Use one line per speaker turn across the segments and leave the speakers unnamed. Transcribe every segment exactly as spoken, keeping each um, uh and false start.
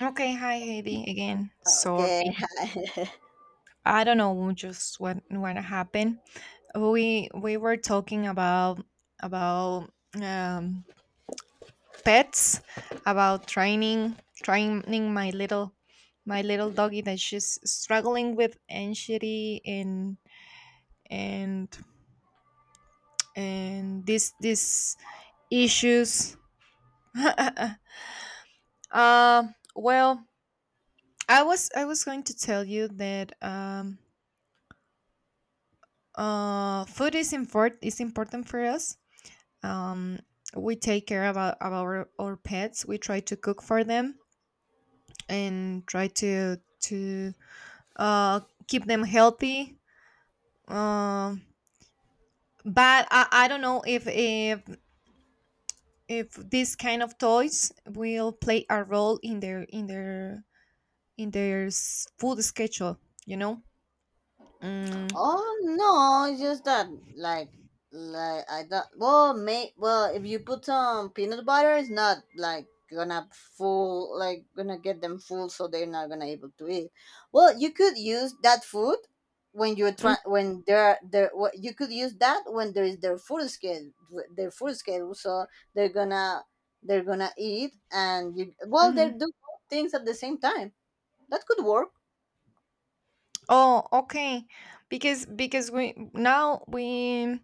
Okay, hi Heidi again.
Okay.
Sorry. I don't know just what what happened. We we were talking about about um pets, about training training my little my little doggy that she's struggling with anxiety and and and this this issues. Um well, I was I was going to tell you that um Uh, food is import is important for us. Um, we take care about, about our, our pets. We try to cook for them and try to to uh keep them healthy. Um, but I, I don't know if if if this kind of toys will play a role in their in their in their s- food schedule. You know. Mm,
Oh no, it's just that like like I thought. Well, may well if you put some peanut butter, it's not like gonna full like gonna get them full, so they're not gonna able to eat. Well, you could use that food when you're
mm,
try when they're there. What you could use that when there is their food schedule, their food schedule, so they're gonna they're gonna eat and you well they
mhm.
do both things at the same time. That could work.
Oh, okay. Because because we now we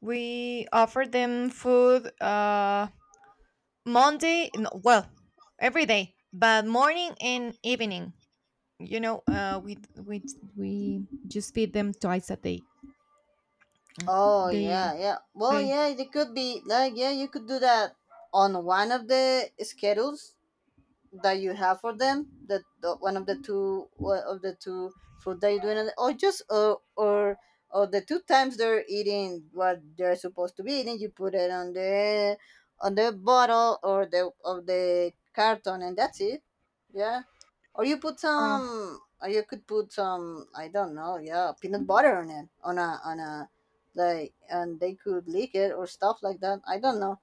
We offer them food uh, Monday, no, well, every day, but morning and evening. You know, uh, we we we just feed them twice a day.
Oh
They
yeah, yeah. Well,
they
yeah, it could be like, yeah, you could do that on one of the schedules that you have for them. That the, one of the two, one of the two food that you're doing, and- or just or or or the two times they're eating what they're supposed to be eating, you put it on the on the bottle or the of the carton, and that's it. Yeah. Or you put
oh
some, or you could put some, I don't know, yeah, peanut butter on it, on a, on a, like, and they could lick it or stuff like that. I don't know.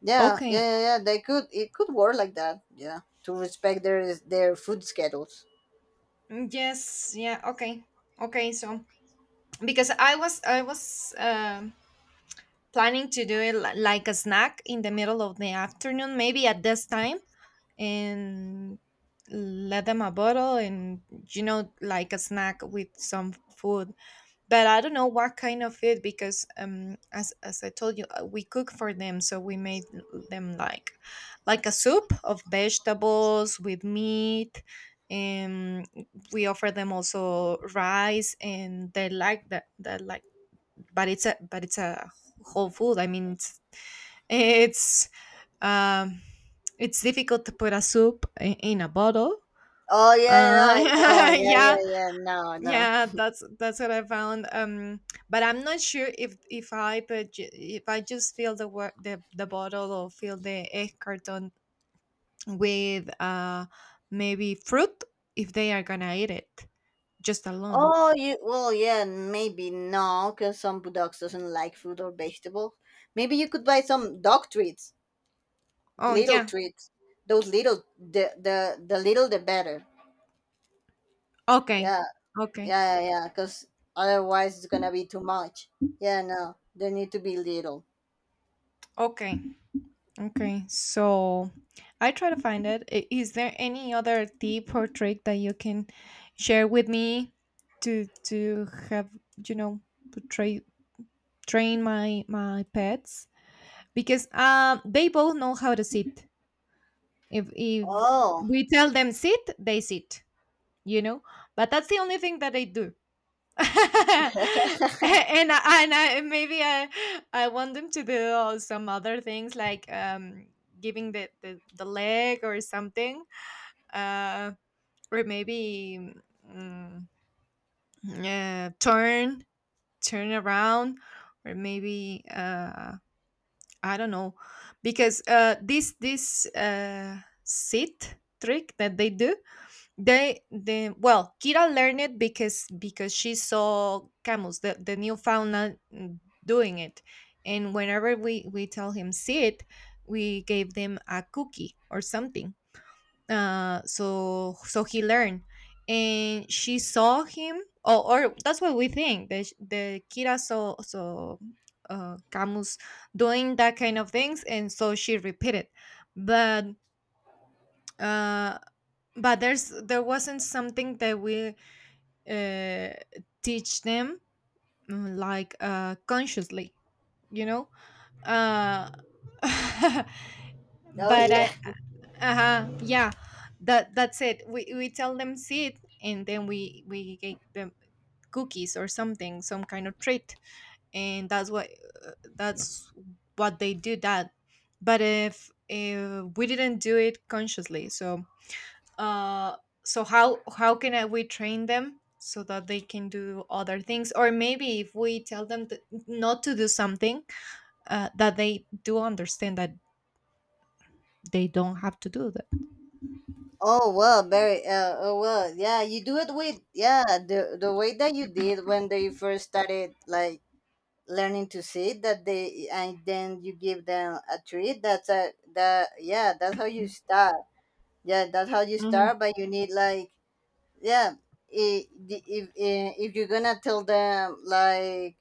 Yeah, yeah,
okay.
yeah, yeah. They could, it could work like that. Yeah, to respect their their food schedules.
Mm, yes, yeah, okay, okay, so because I was I was um planning to do it li- like a snack in the middle of the afternoon maybe at this time, and let them a bottle and, you know, like a snack with some food, but I don't know what kind of food because um as as I told you, uh, we cook for them, so we made them like like a soup of vegetables with meat, and we offer them also rice and they like that. That like but it's a but it's a whole food. I mean, it's it's um it's difficult to put a soup i- in a bottle.
Oh yeah, no, I know.
uh
Yeah,
yeah,
yeah, yeah. No, no.
yeah, that's that's what I found um But I'm not sure if if I put ju- if I just fill the wa- the, the bottle or fill the egg carton with uh maybe fruit, if they are gonna eat it just alone.
Oh, you. Well, yeah, maybe no, because some bulldogs doesn't like fruit or vegetable. Maybe you could buy some dog treats.
Oh,
Little
yeah,
treats, those little the the, the little the better.
okay,
Yeah,
okay,
yeah, yeah, yeah, because otherwise it's gonna be too much. Yeah, no, they need to be little.
okay, okay, so I try to find it. I- Is there any other tip or trick that you can share with me to to have, you know, to tra- train my my pets, because um they both know how to sit. If if
Oh.
we tell them sit, they sit. You know, but that's the only thing that they do. and I- and I, maybe I I want them to do, uh, some other things like, um giving the the, the leg or something, uh or maybe, mm, uh, turn turn around, or maybe uh I don't know, because uh this this uh sit trick that they do, they they well, Kira learned it because because she saw camels, the, the Newfoundland, mm, doing it. And whenever we, we tell him see it, we gave them a cookie or something. Uh so so he learned. And she saw him, or, or that's what we think. The the Kira saw saw uh Camus doing that kind of things, and so she repeated. But uh but there's there wasn't something that we uh, teach them, mm, like, uh, consciously, you know. uh,
Oh
but
yeah.
I uh Yeah, that that's it we, We tell them sit and then we we give them cookies or something, some kind of treat, and that's what uh, that's what they do that. But if, if we didn't do it consciously, so uh so how how can I- we train them so that they can do other things, or maybe if we tell them to not to do something, uh, that they do understand that they don't have to do that.
Oh well, very uh oh well, yeah, you do it with, yeah, the the way that you did when they first started like learning to sit that they, and then you give them a treat. That's a that yeah that's how you start. Yeah, that's how you
Hmm,
start, but you need like, yeah, i- the- if i- if you're gonna tell them like,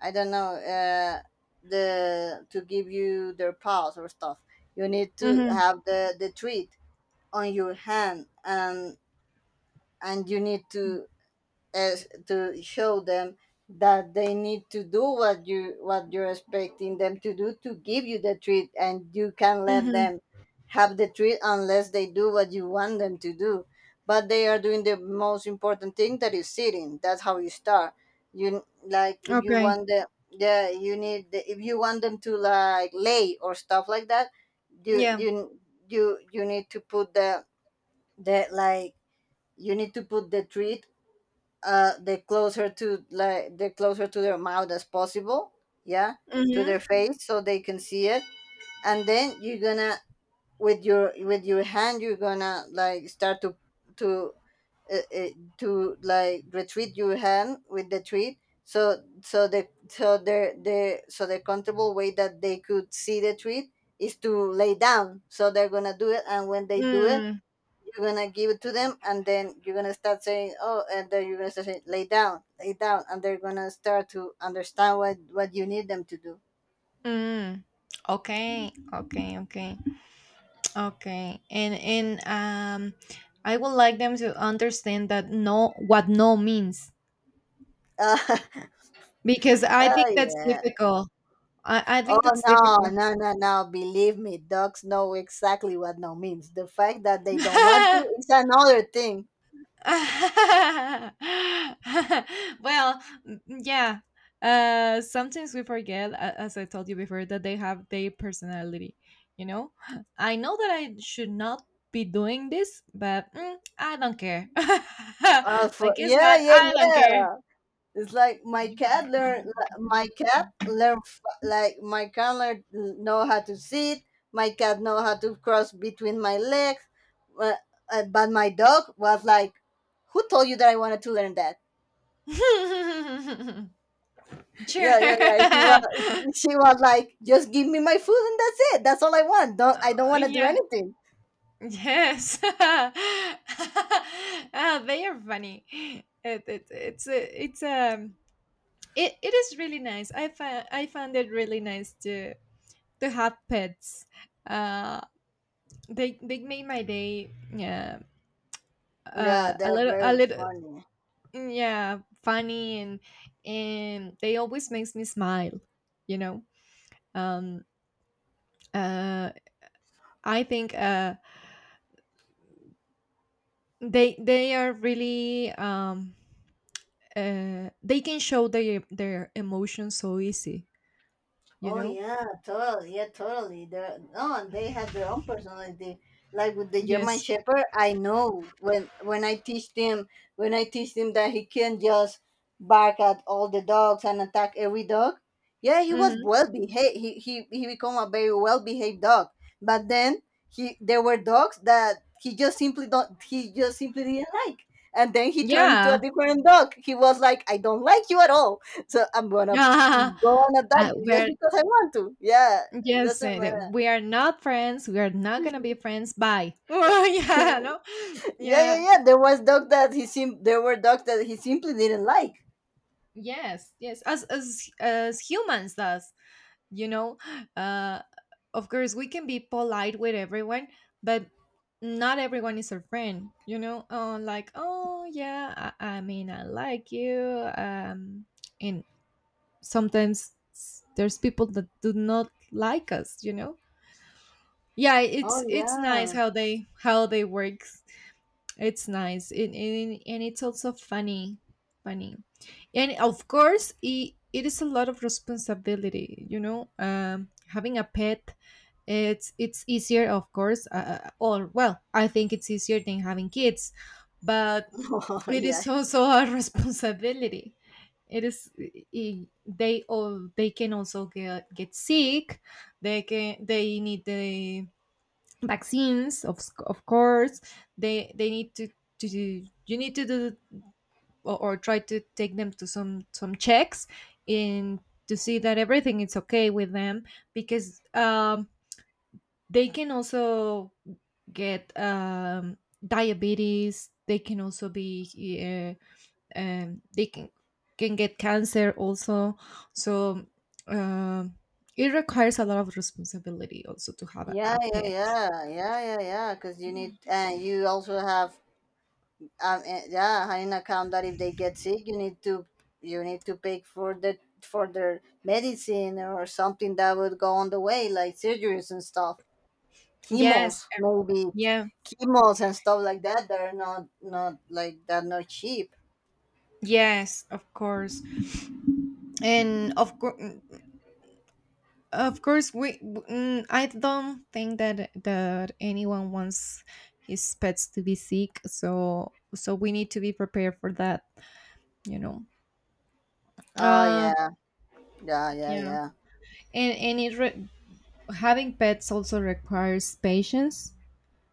I don't know, uh the, to give you their paws or stuff, you need to
hmm,
have the the treat on your hand, and and you need to, as to show them that they need to do what you, what you're expecting them to do to give you the treat, and you can't let
hmm,
them have the treat unless they do what you want them to do. But they are doing the most important thing that is sitting. That's how you start. You like, if you
okay,
want the, yeah, you need the, if you want them to like lay or stuff like that, you
yeah,
you you you need to put the, the like you need to put the treat uh the closer to, like the closer to their mouth as possible. Yeah. To
hmm,
their face so they can see it, and then you're gonna, with your with your hand, you're gonna like start to to uh, uh, to like retreat your hand with the treat, so so the so the the so the comfortable way that they could see the treat is to lay down, so they're gonna do it, and when they do it,
mm,
you're gonna give it to them, and then you're gonna start saying oh and then you're gonna start saying lay down, lay down, and they're gonna start to understand what what you need them to do.
mm, okay, okay, okay, okay, and and um I would like them to understand that no, what no means,
Uh,
because I think
oh
that's
yeah.
difficult. i, I
Oh,
think that's
no,
difficult.
no, no, no, believe me, dogs know exactly what no means. The fact that they don't want to is another thing.
Well, n- yeah. Uh, sometimes we forget, a- as I told you before, that they have their personality. You know, I know that I should not be doing this, but, mm, I don't care.
uh,
But
for,
guess
yeah,
what?
yeah,
I don't
yeah.
care.
It's like my cat learn my cat learn f- like my cat learn know how to sit. My cat know how to cross between my legs. But, uh, but my dog was like, "Who told you that I wanted to learn that?"
Sure.
Yeah, yeah, yeah. She was, she was like, "Just give me my food and that's it. That's all I want. Don't
Uh,
I don't want to do
yeah.
anything."
Yes. Ah, they are funny. It, it, it's a, it's a it, it is really nice. I find I found it really nice to to have pets. uh they they made my day, yeah,
Yeah,
uh a
they're
little a
very
little.
funny.
Yeah, funny, and and they always makes me smile, you know. um uh I think uh they they are really, um uh they can show their their emotions so easy, you
Oh
know.
yeah, totally. Yeah, totally. They're no, and they have their own personality. Like with the German
Yes.
Shepherd, I know when when I teach them, when I teach them that he can't just bark at all the dogs and attack every dog. Yeah, he was
Hmm,
well behaved. He he he become a very well behaved dog. But then, he there were dogs that he just simply don't he just simply didn't like. And then he turned into
yeah.
a different dog. He was like, I don't like you at all. So I'm gonna
uh,
go and attack you just
where.
because I want to. Yeah, it
Yes,
doesn't
uh, that
matter.
we are not friends. We are not gonna be friends. Bye. Well, yeah, no,
Yeah, yeah,
yeah,
yeah. There was dogs that he sim- there were dogs that he simply didn't like.
yes, yes. As as as humans does, you know. Uh, of course, we can be polite with everyone, but not everyone is our friend. You know, oh, like, oh yeah, I, I mean I like you. Um, and sometimes s- there's people that do not like us. You know. Yeah, it's it's
Oh
nice how they how they work. It's nice, and, and, and it's also funny, funny, and of course, it, it is a lot of responsibility. You know, um, having a pet, it's it's easier, of course, uh, uh, or well, I think it's easier than having kids, but
yeah, oh
it is
yeah,
also a responsibility. It is i- they all they can also get get sick. They can they need the vaccines of, s- of course they they need to, to do- you need to do or, or try to take them to some some checks in to see that everything is okay with them, because um they can also get, um diabetes, they can also be, uh, um they can can get cancer also, so um it requires a lot of responsibility also to have a,
yeah,
a
yeah,
pet.
yeah, yeah, yeah, yeah. Because you need, and you also have, um, eh, yeah, in account that if they get sick, you need to, you need to pay for the for their medicine or something that would go on the way, like surgeries and stuff.
Yes,
Chemos maybe.
yeah.
Chemos and stuff like that, they're not, not like that, not cheap.
Yes, of course, and of course, of course, we. w- mm, I don't think that that anyone wants his pets to be sick, so so we need to be prepared for that. You know.
Oh
Uh,
yeah, yeah, yeah,
yeah,
yeah.
and and it re- having pets also requires patience,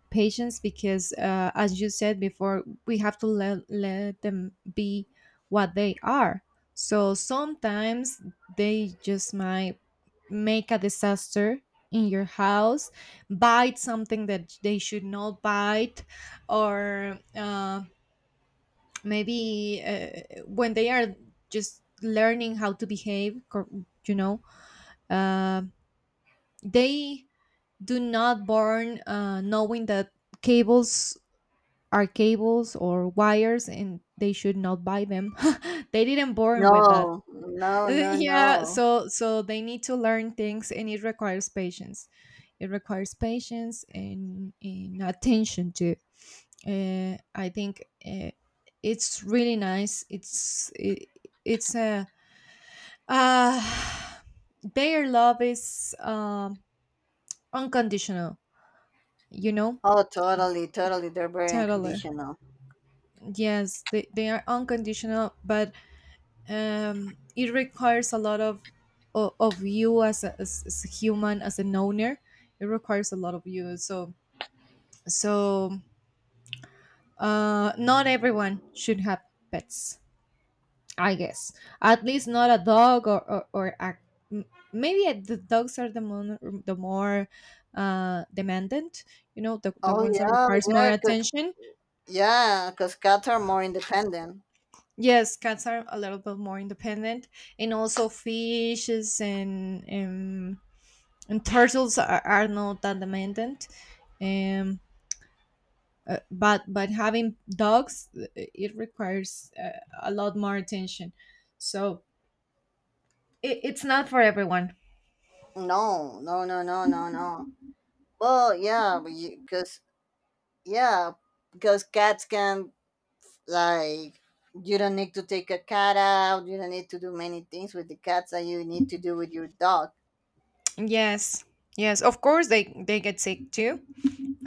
patience, because uh, as you said before, we have to let, let them be what they are. So sometimes they just might make a disaster in your house, bite something that they should not bite, or uh, maybe uh, when they are just learning how to behave cor- you know, uh, they do not born, uh, knowing that cables are cables or wires and they should not buy them. They didn't born
No,
with that.
no, no, no.
Yeah, so so they need to learn things, and it requires patience. It requires patience and, and attention too. uh, I think uh, it's really nice it's it, it's a uh, their love is, um, unconditional, you know.
Oh, totally, totally. They're very
Totally.
unconditional.
Yes they, they are unconditional but, um, it requires a lot of o- of you as a, as, as a human, as an owner. It requires a lot of you, so so, uh, not everyone should have pets, I guess. At least not a dog or or, or a, m- maybe the dogs are the more the more uh demandant, you know, the, the
Oh
ones that
yeah.
requires more
Yeah, because,
attention.
yeah, because cats are more independent.
Yes, cats are a little bit more independent, and also fishes and and and turtles are, are not that demanding. um uh, but but having dogs, uh, it requires, uh, a lot more attention, so it, it's not for everyone.
No, no, no, no, no, no. Well yeah, because, yeah, because cats can, like, you don't need to take a cat out, you don't need to do many things with the cats that you need to do with your dog.
Yes. Yes, of course they they get sick too.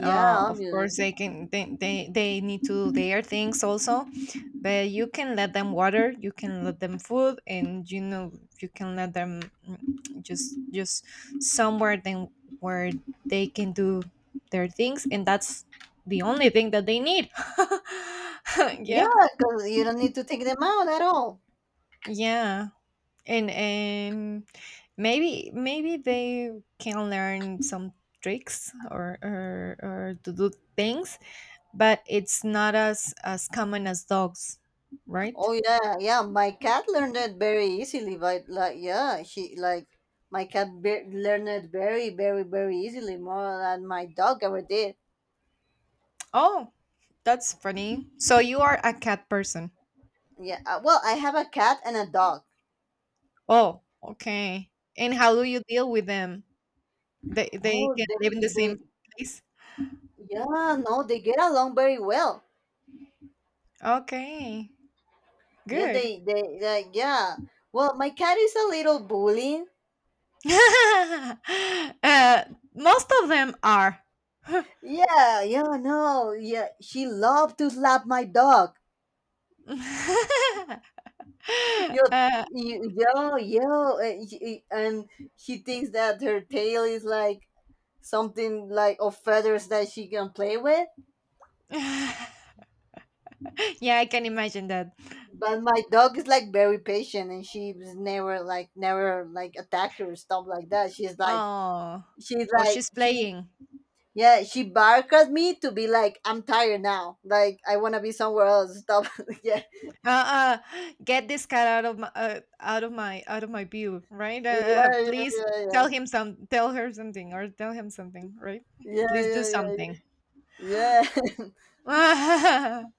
uh, Of course
obviously.
they can they, they they need to do their things also, but you can let them water, you can let them food, and you know, you can let them, mm, just just somewhere then where they can do their things, and that's the only thing that they need. Yeah.
Yeah, because you don't need to take them out at all.
Yeah, and and maybe maybe they can learn some tricks or or, or to do things, but it's not as as common as dogs, right?
Oh yeah, yeah, my cat learned it very easily, but like, yeah, she like, my cat be- learned it very, very, very easily, more than my dog ever did.
Oh, that's funny. So you are a cat person.
Yeah. uh, well, I have a cat and a dog.
Oh, okay. And how do you deal with them? They they
Oh
can
they
live in the
they
same place.
yeah, no, they get along very well.
Okay,
Yeah,
good.
they they like yeah. Well, my cat is a little bullying.
uh, Most of them are.
Yeah, yeah, no, yeah. She loved to slap my dog. Yo,
Uh,
yo, yo, yo, and she and she thinks that her tail is like something like of feathers that she can play with.
yeah, I can imagine that.
But my dog is like very patient, and she's never like never like attack her or stuff like that. She's like,
Oh,
she's
oh,
like
she's
she
playing.
Yeah, she barked at me to be like, I'm tired now. Like, I want to be somewhere else. Stop. Yeah.
Uh, uh get this cat out of my, uh, out of my out of my view, right? Uh,
Yeah,
uh,
yeah,
please
yeah, yeah.
tell him some, tell her something or tell him something, right?
Yeah,
Please do
yeah, yeah,
something.
yeah. Yeah.
Oh,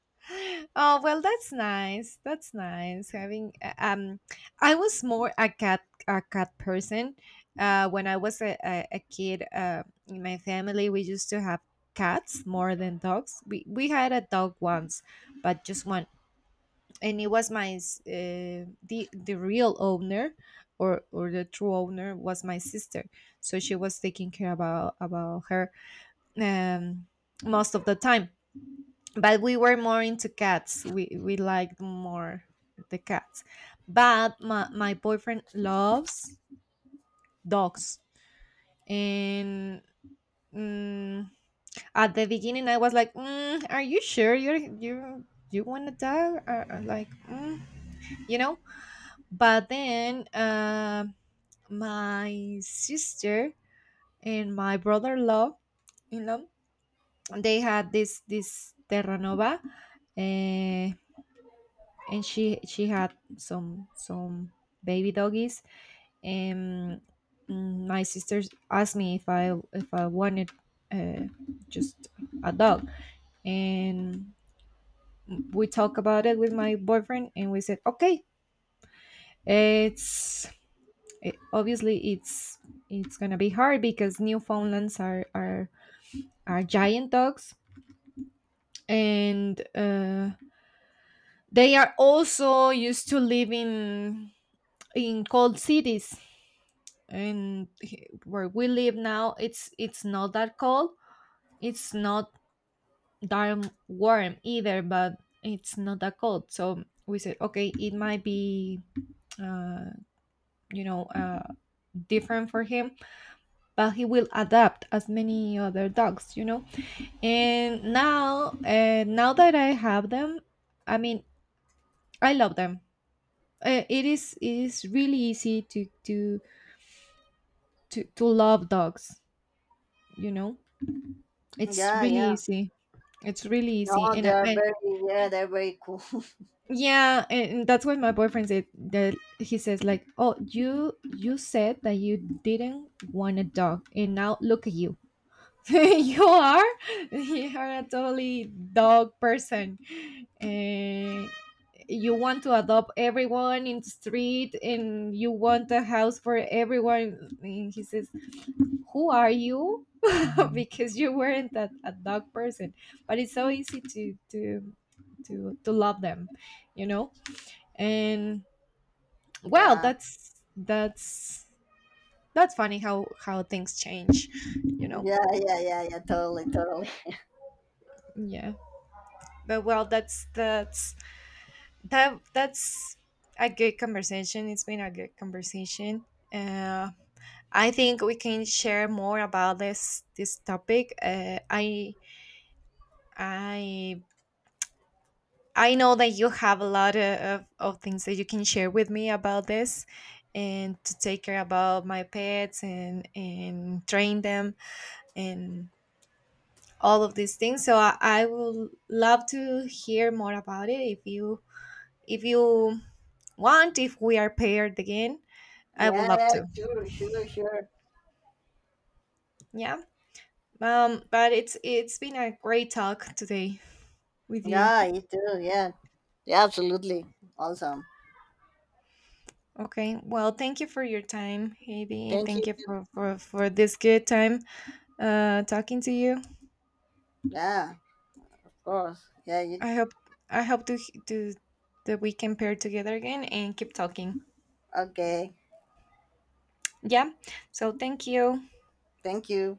well, that's nice, that's nice having, uh, um I was more a cat, a cat person uh when I was a, a, a kid. Uh in my family we used to have cats more than dogs. we we had a dog once, but just one, and it was my s- uh, the the real owner, or or the true owner was my sister, so she was taking care about about her, um most of the time. But we were more into cats, we we liked more the cats. But my, my boyfriend loves dogs, and, mm, at the beginning I was like, mm, are you sure you're you you want a dog? Uh, uh, like, mm, you know. But then, uh, my sister and my brother-in-law, in law, they had this this Terranova, uh, and she she had some some baby doggies. And, mm, my sisters asked me if I if I wanted, uh, just a dog, and we talked about it with my boyfriend, and we said okay. It's it, Obviously it's it's gonna be hard because Newfoundlands are are are giant dogs, and uh, they are also used to live in in cold cities. And he- where we live now, it's it's not that cold. It's not that warm either, but it's not that cold. So we said, okay, it might be, Uh, you know, uh, different for him, but he will adapt as many other dogs, you know. And now, uh, now that I have them, I mean, I love them. Uh, it is it is really easy to to to to love dogs, you know. It's
Yeah,
really
yeah.
easy. It's really
No,
easy, and I,
they're
I.
very, yeah, they're very cool.
Yeah, and that's what my boyfriend said, that he says like, oh, you you said that you didn't want a dog, and now look at you. You are you are a totally dog person, and you want to adopt everyone in the street and you want a house for everyone, and he says who are you. Because you weren't a, a dog person. But it's so easy to to to to love them, you know. And well,
Yeah.
that's that's that's funny how how things change, you know.
Yeah, yeah, yeah, yeah. Totally, totally.
Yeah. But well, that's that's that that's a good conversation. It's been a good conversation. uh, I think we can share more about this this topic. uh, i i I know that you have a lot of, of things that you can share with me about this, and to take care about my pets and and train them, and all of these things. So i, I will love to hear more about it, if you if you want. If we are paired again, I would
Yeah,
love
yeah,
to.
sure, sure, sure.
Yeah. Um, but it's it's been a great talk today with you.
Yeah, you too. Yeah. Yeah, absolutely. Awesome.
Okay. Well, thank you for your time, Heidi.
Thank
Thank
you.
you for for for this good time uh talking to you.
Yeah, of course. Yeah, you.
I hope I hope to to that we can pair together again and keep talking.
Okay.
Yeah. So thank you.
Thank you.